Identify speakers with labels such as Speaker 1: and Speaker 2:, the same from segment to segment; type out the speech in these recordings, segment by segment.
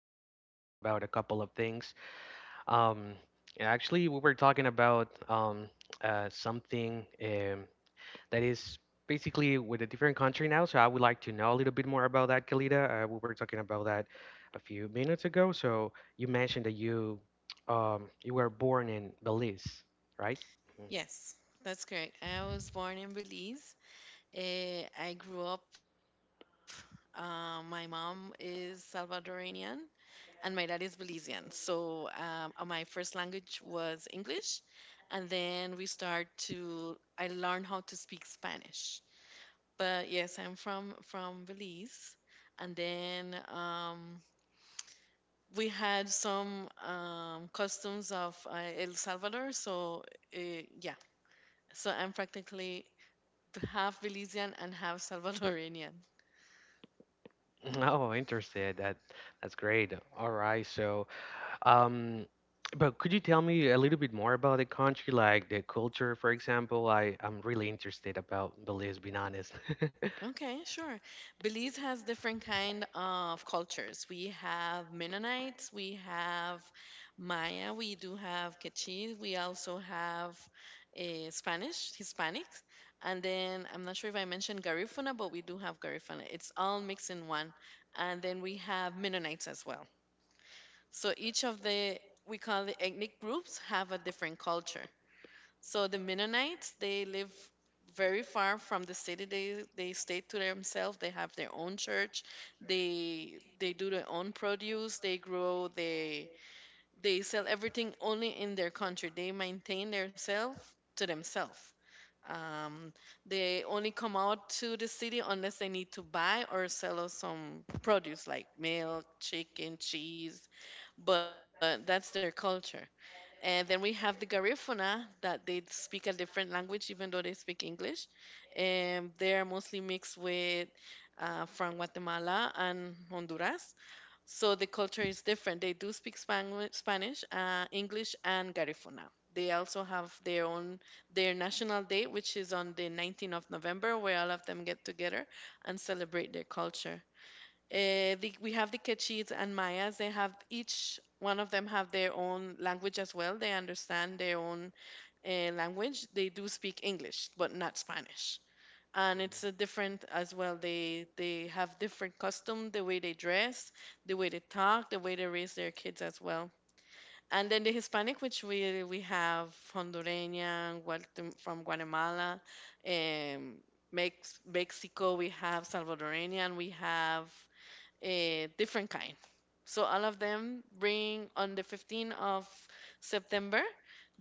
Speaker 1: where we're going to talk about a couple of things. Um, actually, we were talking about something that is basically with a different country now. So I would like to know a little bit more about that, Kalita. We were talking about that a few minutes ago. So you mentioned that you were born in Belize, right? Mhm.
Speaker 2: Yes, that's correct. I was born in Belize. I grew up, my mom is Salvadoranian and my dad is Belizean. So my first language was English. And then we start to, I learned how to speak Spanish. But yes, I'm from Belize. And then we had some customs of El Salvador. So uh, yeah, so I'm practically half Belizean and half Salvadorian.
Speaker 1: Oh, interested. That's great. All right, so. Um, but could you tell me a little bit more about the country, like the culture, for example? I'm really interested about the Belize, being honest.
Speaker 2: Okay, sure. Belize has different kind of cultures. We have Mennonites, we have Maya, we do have Quechua, we also have Spanish, Hispanics, and then I'm not sure if I mentioned Garifuna, but we do have Garifuna. It's all mixed in one, and then we have Mennonites as well. So each of the we call the ethnic groups have a different culture. So the Mennonites, they live very far from the city. They stay to themselves. They have their own church. They do their own produce. They grow. They sell everything only in their country. They maintain themselves to themselves. Um, they only come out to the city unless they need to buy or sell us some produce like milk, chicken, cheese. But that's their culture. And then we have the Garifuna that they speak a different language, even though they speak English. And they are mostly mixed with from Guatemala and Honduras. So the culture is different. They do speak Spanish, English, and Garifuna. They also have their own their national day, which is on the 19th of November, where all of them get together and celebrate their culture. We have the Quechuas and Mayas. They have each one of them have their own language as well. They understand their own language. They do speak English, but not Spanish. And it's a different as well. They have different custom, the way they dress, the way they talk, the way they raise their kids as well. And then the Hispanic, which we have Hondureña, from Guatemala, um, Mexico. We have Salvadoranian. We have a different kind. So all of them bring on the 15th of September,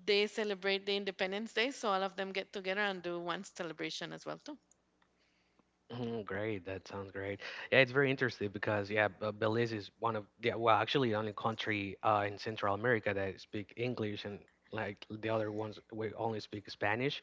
Speaker 2: they celebrate the Independence Day. So all of them get together and do one celebration as well too.
Speaker 1: Mm, great, that sounds great. Yeah, it's very interesting because yeah, Belize is one of the, well, actually, the only country in Central America that speak English, and like the other ones we only speak Spanish.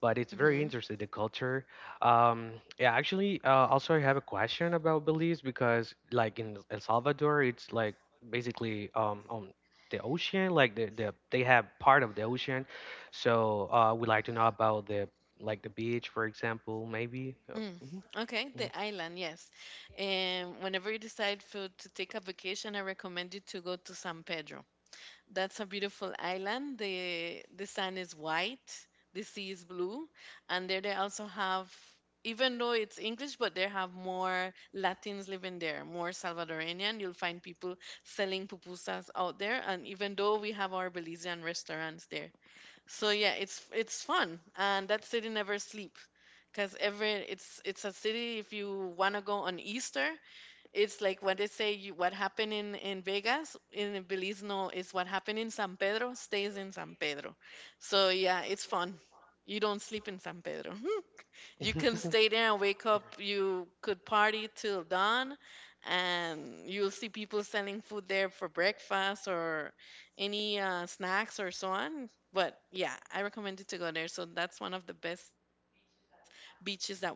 Speaker 1: But it's very
Speaker 2: Hmm.
Speaker 1: interesting the culture. um yeah, actually, also I have a question about Belize because like in El Salvador, it's like basically on the ocean, like the they have part of the ocean. So we like to know about the, like, the beach, for example, maybe. Oh,
Speaker 2: Mm.
Speaker 1: mhm,
Speaker 2: Okay, the island, yes. And whenever you decide for to take a vacation, I recommend you to go to San Pedro. That's a beautiful island. The sand is white, the sea is blue, and there they also have, even though it's English, but they have more Latins living there, more Salvadorian. You'll find people selling pupusas out there, and even though we have our Belizean restaurants there. So yeah, it's fun, and that city never sleep, cause every it's a city if you wanna go on Easter. It's like what they say, you, what happened in Vegas, in Belize, no, is what happened in San Pedro stays in San Pedro. So yeah, it's fun. You don't sleep in San Pedro.
Speaker 1: mhm.
Speaker 2: You can stay there and wake up. You could party till dawn, and you'll see people selling food there for breakfast or any snacks or so on. But yeah, I recommend you to go there. So that's one of the best beaches that we have.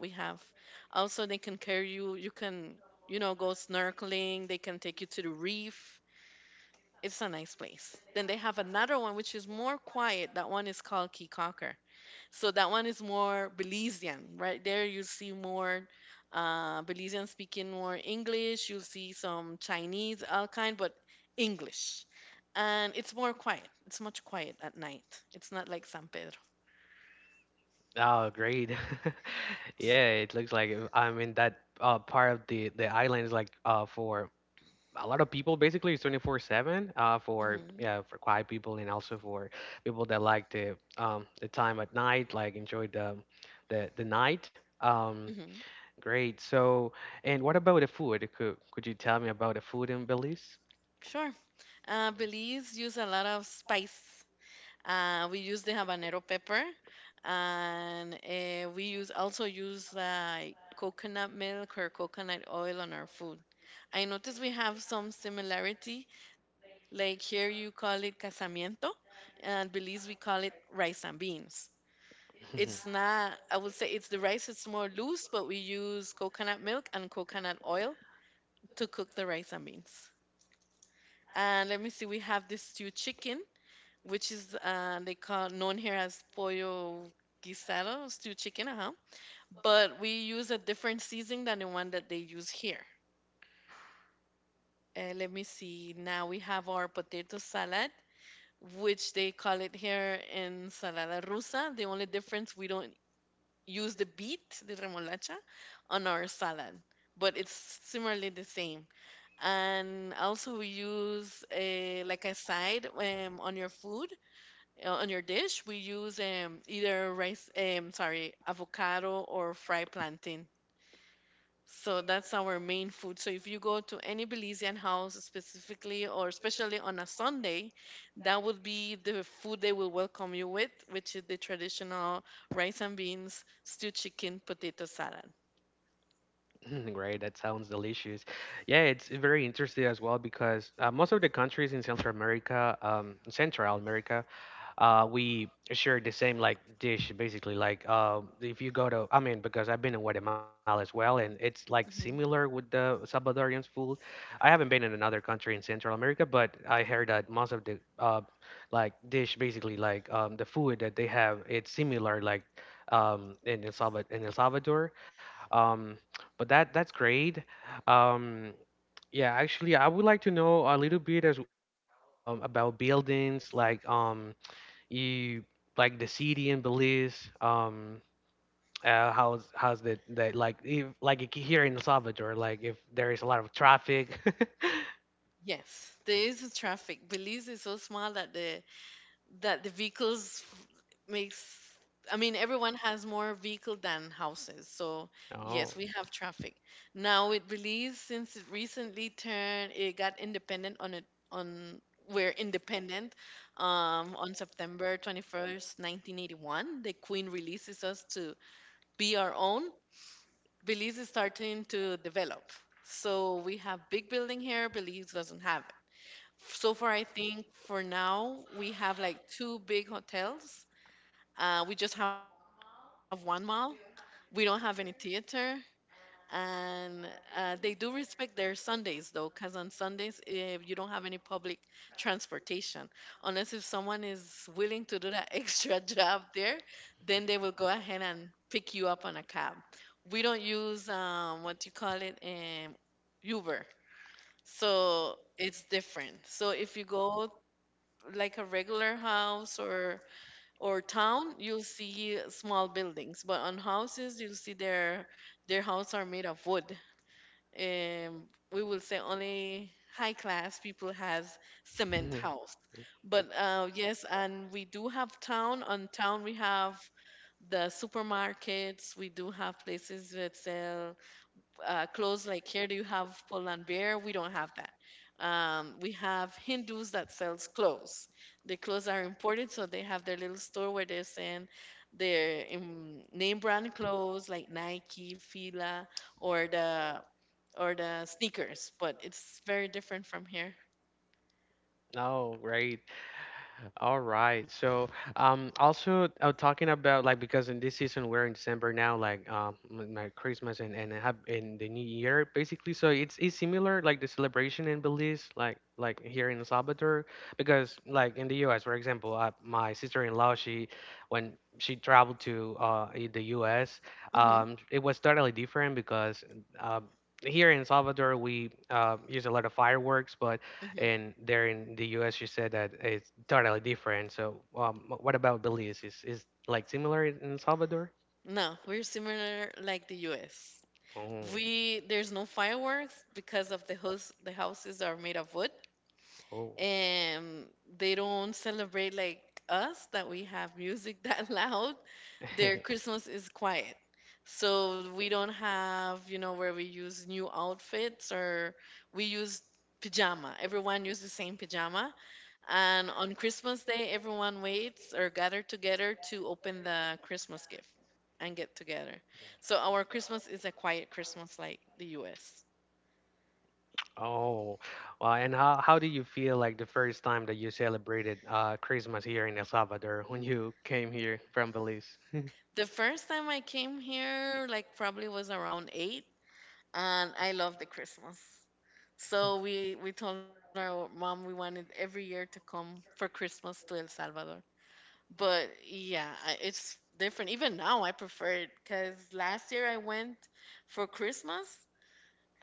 Speaker 2: Also, they can carry you. You can, you know, go snorkeling. They can take you to the reef. It's a nice place. Then they have another one which is more quiet. That one is called Key Cocker. So that one is more Belizean. Right there, you'll see more Belizean speaking more English. You'll see some Chinese, all kind, but English. And it's more quiet. It's much quiet at night. It's not like San Pedro.
Speaker 1: Oh, great. Yeah, it looks like, I mean that part of the island is like, for a lot of people basically it's 24/7, for,
Speaker 2: Hmm.
Speaker 1: yeah, for quiet people and also for people that like the time at night, like enjoy the night.
Speaker 2: Hmm.
Speaker 1: Great. So, and what about the food? Could you tell me about the food in Belize?
Speaker 2: Sure. Belize use a lot of spice. We use the habanero pepper, and we use also use like coconut milk or coconut oil on our food. I notice we have some similarity. Like here, you call it casamiento, and Belize we call it rice and beans. It's not. I would say it's the rice. It's more loose, but we use coconut milk and coconut oil to cook the rice and beans. And let me see, we have this stewed chicken which is they call known here as pollo guisado, stewed chicken, uh-huh. But we use a different seasoning than the one that they use here. Let me see. Now we have our potato salad, which they call it here ensalada rusa. The only difference we don't use the beet, the remolacha, on our salad, but it's similarly the same. And also we use a, like a side on your food. On your dish, we use either sorry, avocado or fried plantain. So that's our main food. So if you go to any Belizean house specifically, or especially on a Sunday, that would be the food they will welcome you with, which is the traditional rice and beans, stewed chicken, potato salad.
Speaker 1: Right, that sounds delicious. Yeah, it's very interesting as well because most of the countries in Central America, we share the same, like, dish basically. Like, if you go to, I mean, because I've been in Guatemala as well, and it's like similar
Speaker 2: Mhm.
Speaker 1: with the Salvadorians' food. I haven't been in another country in Central America, but I heard that most of the like dish basically, the food that they have, it's similar, in El Salvador. Um, but that's great. Um, yeah, actually, I would like to know a little bit as well, about buildings, like, you like the city in Belize. How's the like, if like I- here in El Salvador, like if there is a lot of traffic.
Speaker 2: Yes, there is traffic. Belize is so small that the vehicles makes I mean everyone has more vehicle than houses. So
Speaker 1: Oh,
Speaker 2: yes, we have traffic. Now it believes since it recently turned it got independent on it on we're independent on September 21st, 1981. The Queen releases us to be our own. Belize is starting to develop. So we have big building here. Belize doesn't have it. So far, I think for now, we have like two big hotels we just have one mall. We don't have any theater. And they do respect their Sundays though, because on Sundays, if you don't have any public transportation, unless if someone is willing to do that extra job there, then they will go ahead and pick you up on a cab. We don't use what you call it, Uber. So it's different. So if you go like a regular house or town, you'll see small buildings, but on houses you'll see their house are made of wood. um we will say only high class people has cement house, but yes, and we do have town. On town we have the supermarkets, we do have places that sell clothes like here. Do you have Pull and Bear? We don't have that. We have Hindus that sells clothes. The clothes are imported, so they have their little store where they send their name brand clothes like Nike, Fila, or the sneakers. But it's very different from here.
Speaker 1: no, right. All right. So, also, talking about, like, because in this season we're in December now, like, my Christmas and have in the New Year basically. So it's similar like the celebration in Belize, like here in El Salvador, because like in the U.S., for example, my sister-in-law, she, when she traveled to the U.S.,
Speaker 2: Hmm.
Speaker 1: it was totally different because uh, here in El Salvador we use a lot of fireworks, but
Speaker 2: Hmm.
Speaker 1: and there in the US you said that it's totally different. So, what about Belize? Is like similar in El Salvador?
Speaker 2: No, we're similar like the U.S.
Speaker 1: Oh,
Speaker 2: We There's no fireworks because of the house. The houses are made of wood
Speaker 1: oh.
Speaker 2: and they don't celebrate like us that we have music that loud. Their Christmas is quiet. So we don't have, you know, where we use new outfits or we use pajama. Everyone uses the same pajama. And on Christmas Day, everyone waits or gather together to open the Christmas gift and get together. So our Christmas is a quiet Christmas like the US.
Speaker 1: Oh, well, and how do you feel like the first time that you celebrated Christmas here in El Salvador when you came here from Belize?
Speaker 2: The first time I came here, like probably was around eight, and I love the Christmas. So we told our mom we wanted every year to come for Christmas to El Salvador. But yeah, it's different. Even now, I prefer it because last year I went for Christmas.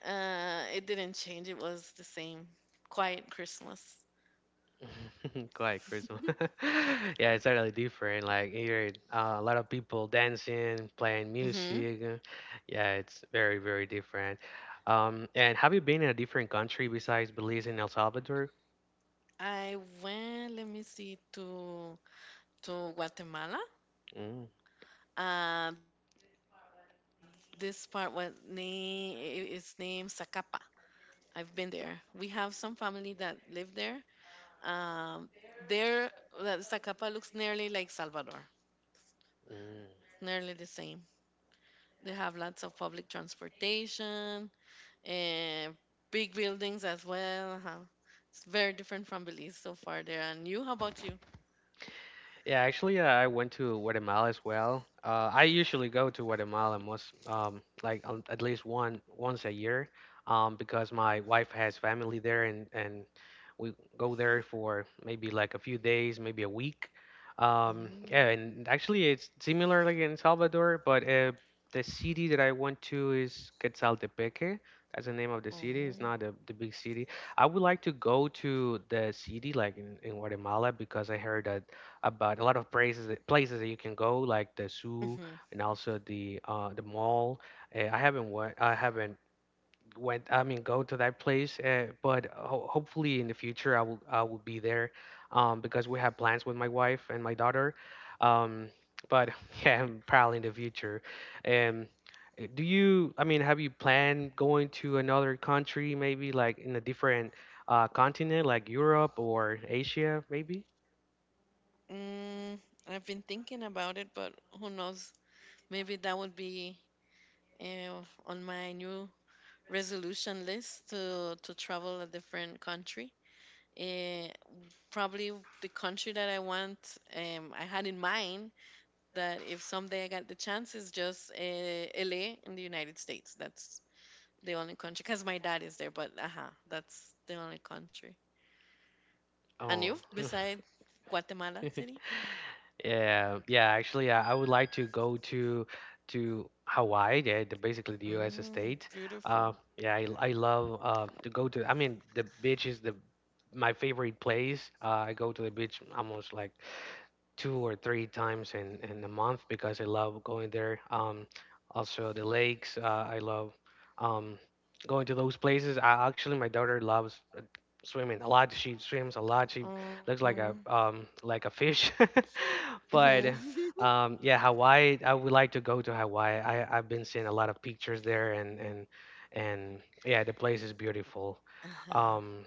Speaker 2: It didn't change. It was the same, quiet Christmas.
Speaker 1: Quite Christmas. Yeah, it's totally different. Like here, a lot of people dancing, playing
Speaker 2: Hmm.
Speaker 1: music. Yeah, it's very, very different. And have you been in a different country besides Belize and El Salvador?
Speaker 2: I went. Let me see to Guatemala.
Speaker 1: Mm,
Speaker 2: Uh, this part was name. It's named Zacapa. I've been there. We have some family that live there. Um, there, that Zacapa looks nearly like Salvador,
Speaker 1: mm.
Speaker 2: nearly the same. They have lots of public transportation and big buildings as well. Huh. It's very different from Belize so far there. And you, how about you?
Speaker 1: Yeah, actually, I went to Guatemala as well. I usually go to Guatemala most, at least one once a year, because my wife has family there, and we go there for maybe like a few days, maybe a week.
Speaker 2: Mm.
Speaker 1: Yeah, and actually, it's similar like in Salvador, but the city that I went to is Quetzaltepeque. That's the name of the city. It's
Speaker 2: Oh.
Speaker 1: not the big city. I would like to go to the city, like in Guatemala, because I heard that about a lot of places that you can go, like the zoo
Speaker 2: Mhm.
Speaker 1: and also the mall. I haven't went, I mean, go to that place, but hopefully in the future I will be there, because we have plans with my wife and my daughter, um, but yeah, probably in the future. Um, do you? I mean, have you planned going to another country, maybe like in a different continent, like Europe or Asia, maybe?
Speaker 2: Mm, I've been thinking about it, but who knows? Maybe that would be on my new resolution list to travel a different country. Eh, Probably the country that I want, I had in mind that if someday I got the chance is just LA in the United States. That's the only country because my dad is there, but that's the only country. And
Speaker 1: Oh.
Speaker 2: you, beside Guatemala City?
Speaker 1: Yeah, yeah. Actually, I would like to go to Hawaii, yeah, the, basically the U.S.
Speaker 2: Mm,
Speaker 1: state. Uh,
Speaker 2: beautiful.
Speaker 1: yeah, I love to go to. I mean, the beach is the my favorite place. I go to the beach almost like two or three times in a month because I love going there. Also the lakes. I love um going to those places. I, actually my daughter loves swimming a lot. She swims a lot. She
Speaker 2: Oh.
Speaker 1: looks like a, like a fish. But,
Speaker 2: Mhm.
Speaker 1: yeah, Hawaii. I would like to go to Hawaii. I've been seeing a lot of pictures there, and yeah, the place is beautiful.
Speaker 2: Uh-huh.
Speaker 1: Um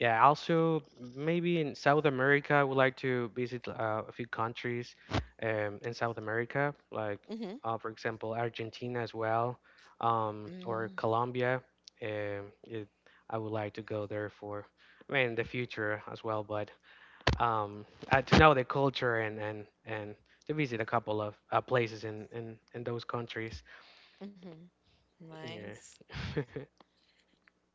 Speaker 1: yeah, also maybe in South America, I would like to visit a few countries in South America, like,
Speaker 2: Mhm.
Speaker 1: for example, Argentina as well, or
Speaker 2: Mm,
Speaker 1: Colombia. Um, it, I would like to go there for in the future as well, but um, to know the culture and to visit a couple of places in those countries.
Speaker 2: mhm.
Speaker 1: Yeah.
Speaker 2: Nice.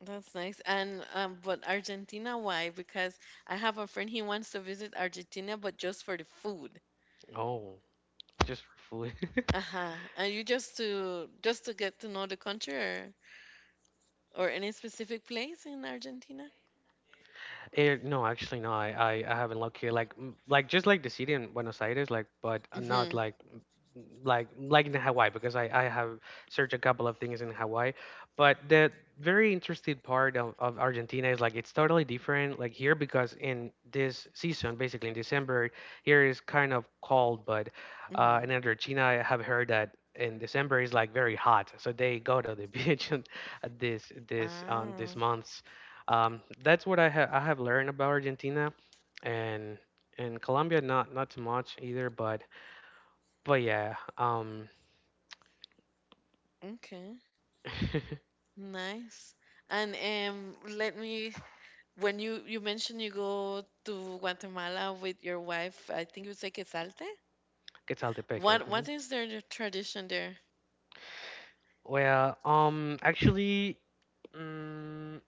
Speaker 2: That's nice. And but Argentina, why? Because I have a friend, he wants to visit Argentina, but just for the food.
Speaker 1: Oh, just for food.
Speaker 2: Uh-huh. Are you just to get to know the country or any specific place in Argentina?
Speaker 1: Eh, no, actually, no. I haven't looked here. Like just like the city in Buenos Aires, like, but not
Speaker 2: Mm-hmm.
Speaker 1: like like in Hawaii because I have searched a couple of things in Hawaii. But the very interesting part of Argentina is like it's totally different like here because in this season, basically in December, here is kind of cold, but
Speaker 2: Mm-hmm.
Speaker 1: in Argentina I have heard that in December is like very hot. So they go to the beach and this this
Speaker 2: Ah,
Speaker 1: um this months. That's what I have learned about Argentina and and Colombia, not too much either, but yeah,
Speaker 2: okay. Nice. And let me, when you mentioned you go to Guatemala with your wife, I think you say Quesalte.
Speaker 1: Quetzaltepeque. Mhm.
Speaker 2: What is their tradition?
Speaker 1: Well, actually, mm,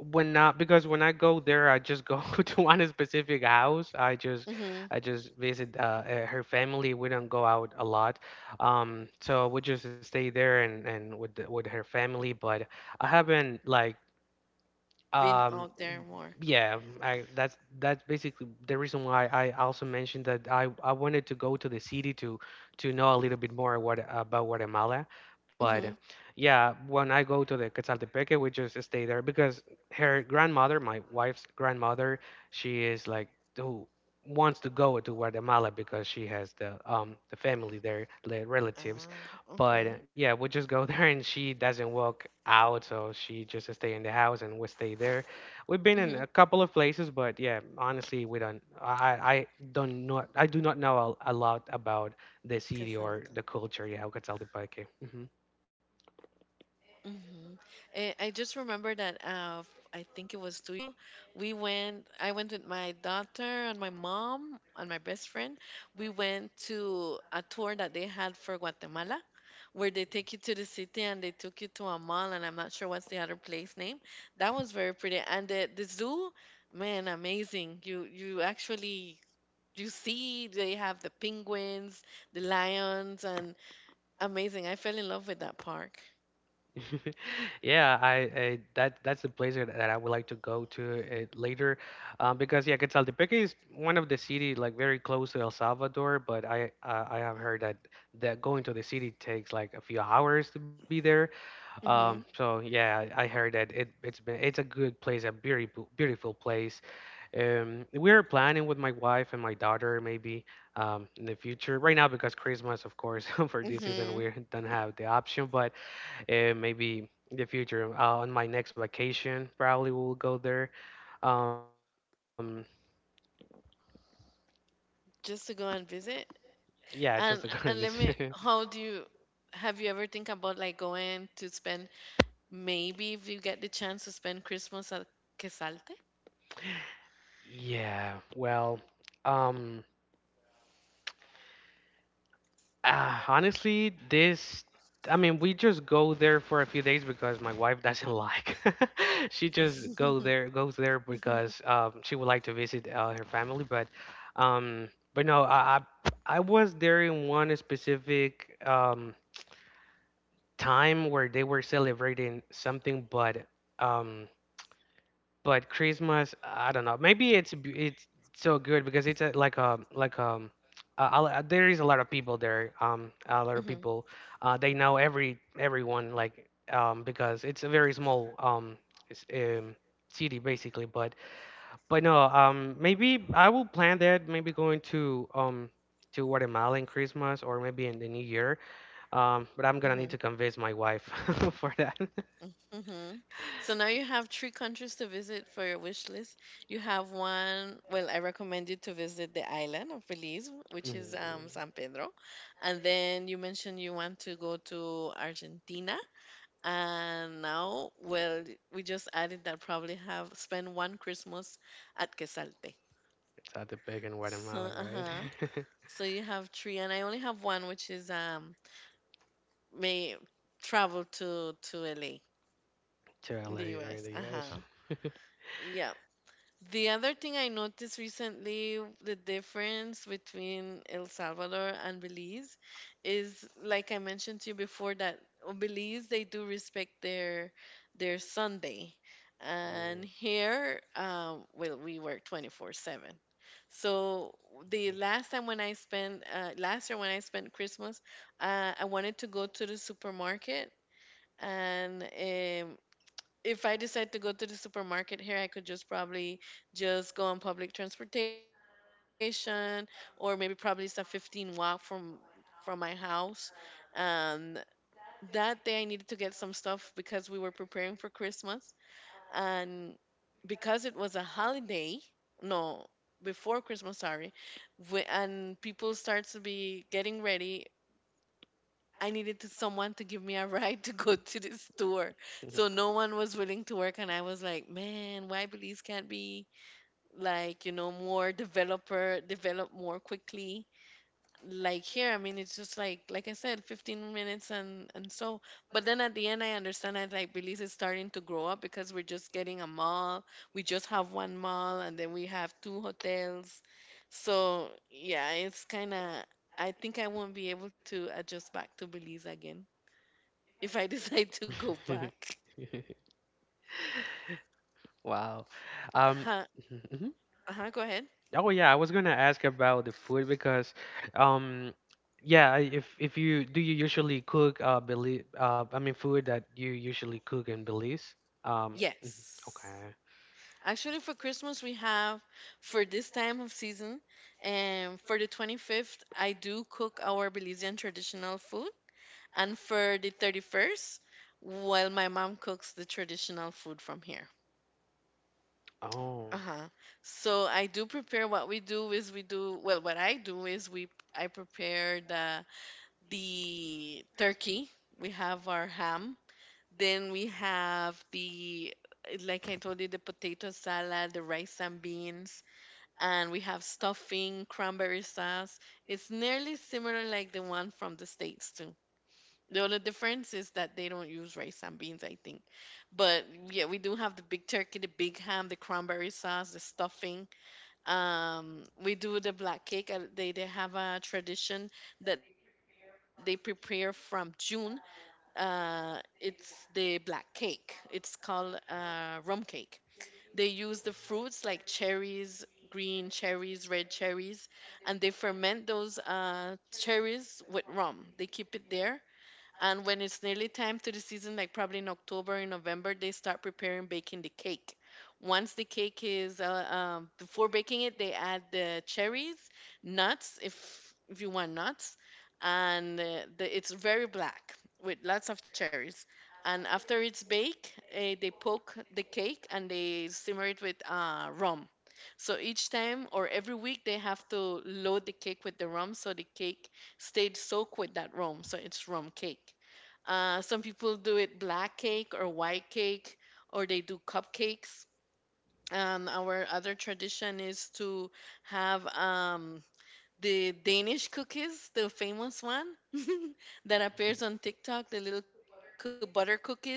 Speaker 1: when not because when I go there, I just go to one specific house. I just, I
Speaker 2: Mm-hmm.
Speaker 1: just visit her family. We don't go out a lot, so we just stay there and with the, with her family. But I haven't, like, Um,
Speaker 2: Been out there
Speaker 1: yeah,
Speaker 2: more.
Speaker 1: I, that's basically the reason why I also mentioned that I wanted to go to the city to know a little bit more what about Guatemala. But
Speaker 2: Mm-hmm.
Speaker 1: yeah, when I go to the Quetzaltepeque, we just stay there because her grandmother, my wife's grandmother, she is like who wants to go to Guatemala because she has the family there, the relatives. But
Speaker 2: Ah,
Speaker 1: yeah, we just go
Speaker 2: okay.
Speaker 1: there and she doesn't walk out, so she just stay in the house and we stay there. We've been in a couple of places,
Speaker 2: Mm-hmm.
Speaker 1: but yeah, honestly, we don't. I don't know. I do not know a lot about the city or the culture. Yeah,
Speaker 2: Consultant.
Speaker 1: Ocotaltepeque. Hmm.
Speaker 2: Mm-hmm. And I just remember that I think it was 2 years ago. We went. I went with my daughter and my mom and my best friend. We went to a tour that they had for Guatemala, where they take you to the city and they took you to a mall and I'm not sure what's the other place name. That was very pretty. And the zoo, man, amazing. You actually you see they have the penguins, the lions and amazing. I fell in love with that park.
Speaker 1: Yeah, I that's the place that I would like to go to it later, because yeah, Quetzaltepeque is one of the city like very close to El Salvador, but I have heard that going to the city takes like a few hours to be there.
Speaker 2: Mhm.
Speaker 1: So yeah, I heard that it it's been it's a good place, a beautiful, beautiful place. We're planning with my wife and my daughter maybe, in the future. Right now because Christmas, of course, for this season
Speaker 2: Mhm.
Speaker 1: we don't have the option, but maybe in the future, on my next vacation probably we'll go there. Um,
Speaker 2: Just to go and visit.
Speaker 1: yeah, just to
Speaker 2: And
Speaker 1: kind of this.
Speaker 2: let me, how do you, have you ever think about like going to spend, maybe if you get the chance, to spend Christmas at Quesalte?
Speaker 1: Yeah, well, um. Honestly, this, I mean, we just go there for a few days because my wife doesn't like. She just go there goes there
Speaker 2: Mhm,
Speaker 1: because, she would like to visit her family. But, um, no, I was there in one specific time where they were celebrating something, but um. But Christmas, I don't know. Maybe it's so good because it's a, like a, there is a lot of people there. A lot of
Speaker 2: mhm,
Speaker 1: people. They know everyone, like, because it's a very small, s- um city basically. But no, maybe I will plan that. Maybe going to, to Guatemala in Christmas or maybe in the New Year. But
Speaker 2: mhm,
Speaker 1: I'm gonna need to convince my wife for that.
Speaker 2: mhm. So now you have three countries to visit for your wish list. You have one, well, I recommend you to visit the island of Belize, which is
Speaker 1: Mm,
Speaker 2: San Pedro. And then you mentioned you want to go to Argentina. And now, well, we just added that probably have spend one Christmas at Quesalte.
Speaker 1: it's at the big in
Speaker 2: So,
Speaker 1: Guatemala, right?
Speaker 2: uh-huh. So you have three, and I only have one, which is may travel to LA,
Speaker 1: Tara
Speaker 2: the
Speaker 1: later in
Speaker 2: US.
Speaker 1: the
Speaker 2: Uh
Speaker 1: US.
Speaker 2: huh. Yeah. The other thing I noticed recently, the difference between El Salvador and Belize is like I mentioned to you before, that on Belize they do respect their Sunday. And here, well, we work 24/7. So the last time when I spent, last year when I spent Christmas, I wanted to go to the supermarket and if I decide to go to the supermarket here, I could just probably just go on public transportation, or maybe probably it's a 15 walk from my house. Um, that day I needed to get some stuff because we were preparing for Christmas, and because it was a holiday, no, before Christmas, sorry, we, and people start to be getting ready, I needed to someone to give me a ride to go to the store. So no one was willing to work and I was like, man, why Belize can't be like, you know, more developer develop more quickly. Like here, I mean it's just like I said, 15 minutes and so but then at the end I understand that like Belize is starting to grow up because we're just getting a mall. We just have one mall and then we have two hotels. So yeah, it's kinda, I think I won't be able to adjust back to Belize again if I decide to go
Speaker 1: Mm.
Speaker 2: back.
Speaker 1: Wow. Um,
Speaker 2: Huh?
Speaker 1: mhm.
Speaker 2: Uh-huh, go ahead.
Speaker 1: Oh yeah, I was gonna ask about the food because, um, yeah, I- if you do you usually cook Belize, I mean, food that you usually cook in Belize? Um, mhm.
Speaker 2: Yes.
Speaker 1: Okay.
Speaker 2: Actually, for Christmas, we have, for this time of season and for the 25th, I do cook our Belizean traditional food. And for the 31st, well, my mom cooks the traditional food from here.
Speaker 1: Oh.
Speaker 2: Uh-huh. So, I do prepare, what we do is, we do, well what I do is, we, I prepare the turkey. We have our ham. Then we have the, like I told you, the potato salad, the rice and beans, and we have stuffing, cranberry sauce. It's nearly similar like the one from the States too. The only difference is that they don't use rice and beans, I think. But yeah, we do have the big turkey, the big ham, the cranberry sauce, the stuffing. We do the black cake. They have a tradition that they prepare from June, it's the black cake. It's called rum cake. They use the fruits like cherries, green cherries, red cherries, and they ferment those cherries with rum. They keep it there and when it's nearly time to the season, like probably in October and November, they start preparing baking the cake. Once the cake is, before baking it, they add the cherries, nuts, if you want nuts, and the, it's very black with lots of cherries. And after it's baked, they poke the cake and they simmer it with rum. So each time or every week, they have to load the cake with the rum so the cake stayed soaked with that rum, so it's rum cake. Some people do it black cake or white cake, or they do cupcakes. And our other tradition is to have the Danish cookies, the famous one that appears on TikTok, the little butter cookies.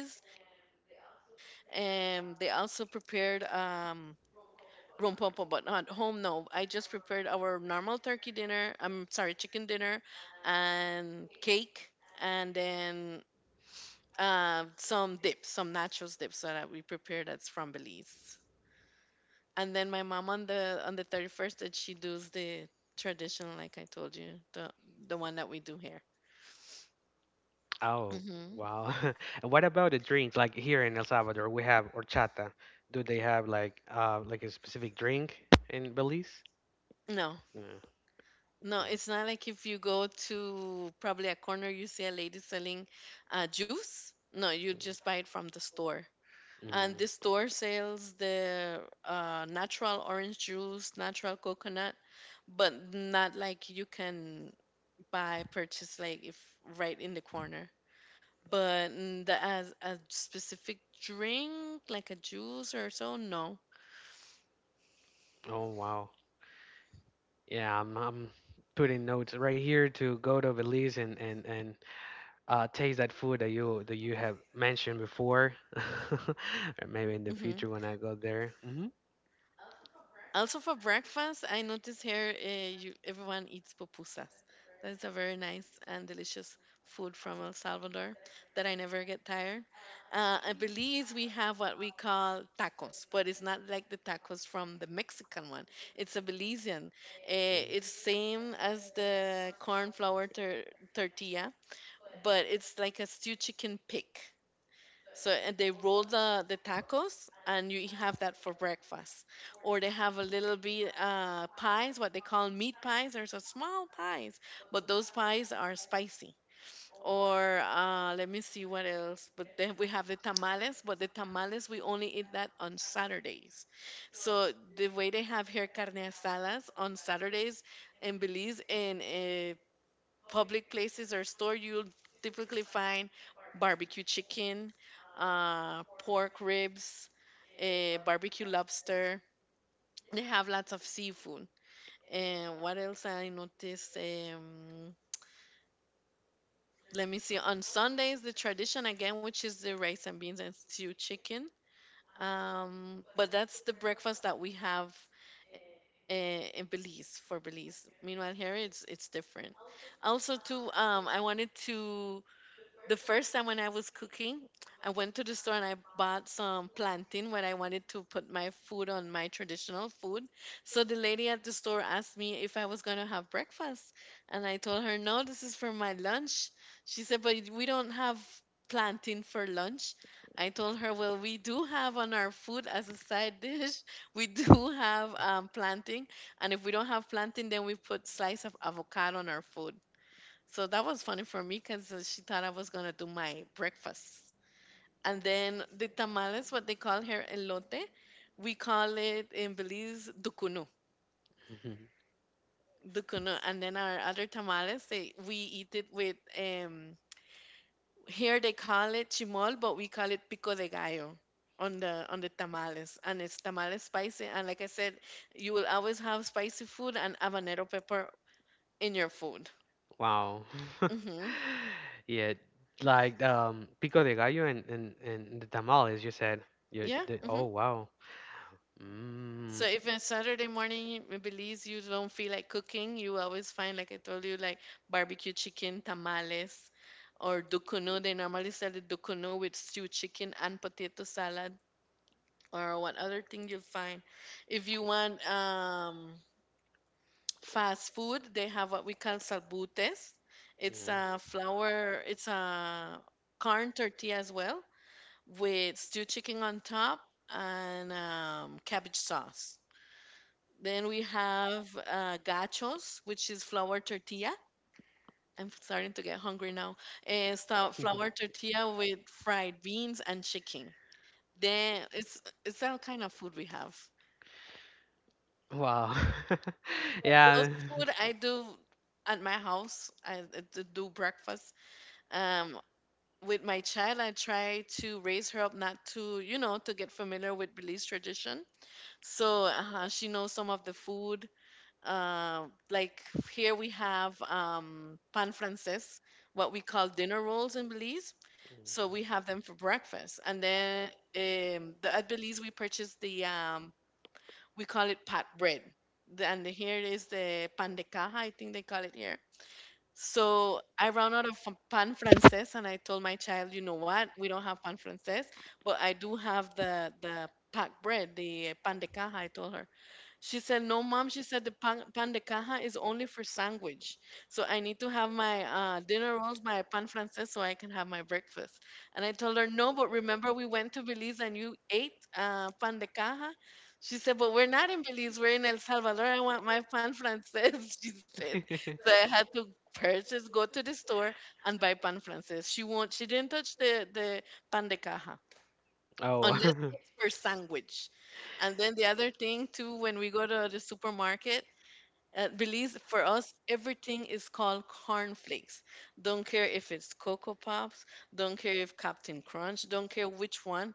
Speaker 2: And they also prepared rompopo, but not home. No, I just prepared our normal turkey dinner. I'm sorry, chicken dinner and cake. And then some dips, some nachos dips that we prepare that's from Belize. And then my mom on the 31st, that she does the traditional, like I told you, the the one that we do here.
Speaker 1: Oh,
Speaker 2: Hmm.
Speaker 1: wow. And what about the drinks? Like here in El Salvador, we have horchata. Do they have like, like, a specific drink in Belize?
Speaker 2: No,
Speaker 1: No. Mm.
Speaker 2: no, it's not like if you go to probably a corner, you see a lady selling juice. No, you just buy it from the store. And
Speaker 1: Mm.
Speaker 2: this store sells the natural orange juice, natural coconut, but not like you can by purchase like if right in the corner, but mm, the, as a specific drink like a juice or so, no.
Speaker 1: Oh, wow. Yeah, I'm putting notes right here to go to Belize and taste that food that you have mentioned before,
Speaker 2: Hmm.
Speaker 1: or maybe in the future when I go there. Hmm.
Speaker 2: Also for breakfast, I notice here you, everyone eats pupusas. That is a very nice and delicious food from El Salvador that I never get tired. In Belize, we have what we call tacos, but it's not like the tacos from the Mexican one. It's a Belizean. Eh, it's same as the corn flour tortilla, but it's like a stewed chicken pig. So and they roll the tacos and you have that for breakfast. Or they have a little bit pies, what they call meat pies. There's a small pies, but those pies are spicy. Or let me see what else. But then we have the tamales, but the tamales we only eat that on Saturdays. So the way they have here carne asadas on Saturdays, in Belize and eh, public places or store, you'll typically find barbecue chicken, pork ribs, eh, barbecue lobster. They have lots of seafood. And what else I noticed? Let me see. On Sundays, the tradition again, which is the rice and beans and stew chicken. But that's the breakfast that we have in Belize for Belize. Meanwhile, here it's different. Also, too, I wanted to, the first time when I was cooking, I went to the store and I bought some plantain when I wanted to put my food on my traditional food. So the lady at the store asked me if I was going to have breakfast. And I told her, no, this is for my lunch. She said, but we don't have plantain for lunch. I told her, well, we do have on our food as a side dish, we do have plantain. And if we don't have plantain, then we put slice of avocado on our food. So that was funny for me because she thought I was gonna do my breakfast. And then the tamales, what they call here elote, we call it in Belize ducuno,
Speaker 1: Mhm.
Speaker 2: ducuno. And then our other tamales, they we eat it with here they call it chimol, but we call it pico de gallo on the tamales, and it's tamales spicy. And like I said, you will always have spicy food and habanero pepper in your food.
Speaker 1: Wow.
Speaker 2: Mhm.
Speaker 1: Yeah, like, pico de gallo and the tamales, you said. You
Speaker 2: Yeah.
Speaker 1: did.
Speaker 2: Mm-hmm.
Speaker 1: Oh, wow. Mm.
Speaker 2: So even Saturday morning, in Belize, you don't feel like cooking. You always find, like I told you, like barbecue chicken, tamales, or dukuno. They normally sell the dukuno with stewed chicken and potato salad, or one other thing you'll find. If you want fast food, they have what we call salbutes. It's
Speaker 1: Hmm.
Speaker 2: a flour, it's a corn tortilla as well, with stewed chicken on top and cabbage sauce. Then we have gachos, which is flour tortilla. I'm starting to get hungry now. It's the flour tortilla with fried beans and chicken. Then it's that kind of food we have.
Speaker 1: Wow.
Speaker 2: Those
Speaker 1: Yeah.
Speaker 2: food I do at my house. I do breakfast. Um, with my child, I try to raise her up not to, you know, to get familiar with Belize tradition. So she knows some of the food. Like here we have pan francés, what we call dinner rolls in Belize. So we have them for breakfast, and then the, at Belize we purchase the we call it pat bread. And the, here is the pan de caja, I think they call it here. So I ran out of pan francés, and I told my child, you know what, we don't have pan francés, but I do have the packed bread, the pan de caja. I told her. She said, "No, mom." She said, "The pan de caja is only for sandwich, so I need to have my dinner rolls, my pan francés, so I can have my breakfast." And I told her, "No, but remember we went to Belize and you ate pan de caja." She said, "But we're not in Belize. We're in El Salvador. I want my pan francés." She said, "So I had to purchase, go to the store, and buy pan francés." She won't. She didn't touch the pan de caja
Speaker 1: Oh.
Speaker 2: unless it's for sandwich. And then the other thing too, when we go to the supermarket, Belize for us, everything is called cornflakes. Don't care if it's Cocoa Pops, don't care if Captain Crunch, don't care which one.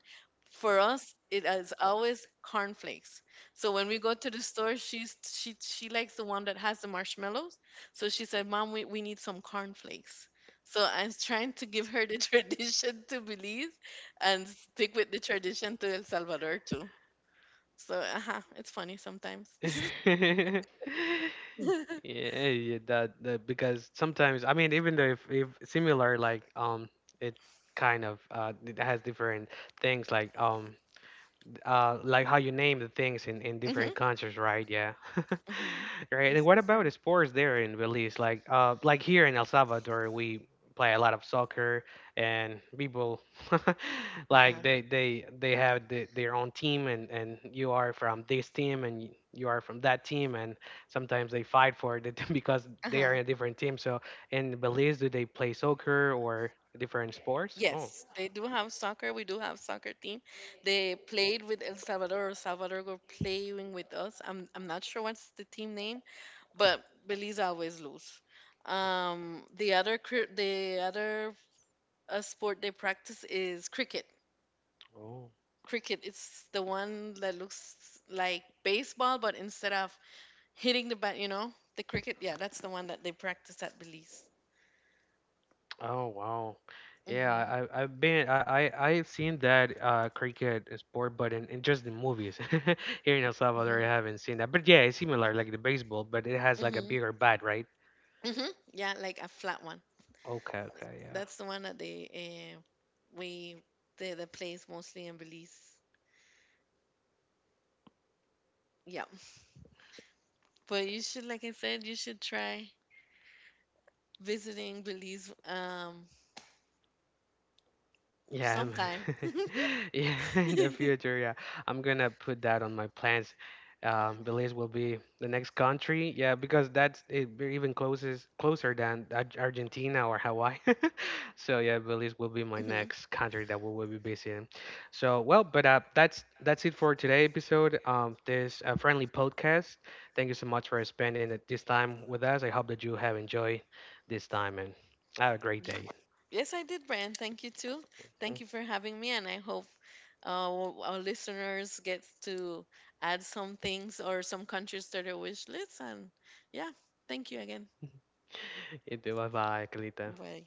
Speaker 2: For us, it is always cornflakes. So when we go to the store, she likes the one that has the marshmallows. So she said, "Mom, we need some cornflakes." So I'm trying to give her the tradition to Belize and stick with the tradition to El Salvador too. So uh-huh, it's funny sometimes.
Speaker 1: Yeah, yeah, that because sometimes I mean even though if similar, like, it kind of, it has different things, like, like how you name the things in
Speaker 2: Mm-hmm.
Speaker 1: different countries, right? Yeah,
Speaker 2: Mm-hmm.
Speaker 1: right. And
Speaker 2: It's
Speaker 1: what about the
Speaker 2: different.
Speaker 1: sports there in Belize? Like here in El Salvador, we play a lot of soccer, and people like
Speaker 2: Uh-huh.
Speaker 1: they have their own team, and you are from this team, and you are from that team, and sometimes they fight for it because they are
Speaker 2: Uh-huh.
Speaker 1: in a different team. So in Belize, do they play soccer or different
Speaker 2: Yes,
Speaker 1: sports?
Speaker 2: they
Speaker 1: Oh,
Speaker 2: do have soccer. We do have soccer team. They played with El Salvador. El Salvador were playing with us. I'm not sure what's the team name, but Belize always lose. The other the other sport they practice is cricket.
Speaker 1: oh.
Speaker 2: Cricket. It's the one that looks like baseball, but instead of hitting the bat, you know, the cricket. Yeah, that's the one that they practice at Belize.
Speaker 1: Oh wow, yeah.
Speaker 2: Mhm,
Speaker 1: I I've been I I've seen that cricket sport, but in just the movies here in El
Speaker 2: mhm,
Speaker 1: Salvador, I haven't seen that. But yeah, it's similar like the baseball, but it has like a
Speaker 2: mhm,
Speaker 1: bigger bat, right?
Speaker 2: mhm. Yeah, like a flat one.
Speaker 1: Okay, okay, yeah.
Speaker 2: That's the one that they uh, we they that plays mostly in Belize. Yeah, but you should, like I said, you should try visiting Belize
Speaker 1: Yeah, man.
Speaker 2: sometime.
Speaker 1: Yeah, in the future, yeah, I'm gonna put that on my plans. Belize will be the next country, yeah, because that's it, we're even closest closer than Argentina or Hawaii. So
Speaker 2: Mhm.
Speaker 1: yeah, Belize will be my next country that we will be visiting. So, well, but, that's it for today episode. This, friendly podcast. Thank you so much for spending this time with us. I hope that you have enjoyed this time and have a great day.
Speaker 2: Yes, I did, Brian. Thank you too. Thank you for having me, and I hope our listeners get to add some things or some countries to their wish list. And yeah, thank you again.
Speaker 1: You too. Bye bye, Kalita.
Speaker 2: Bye.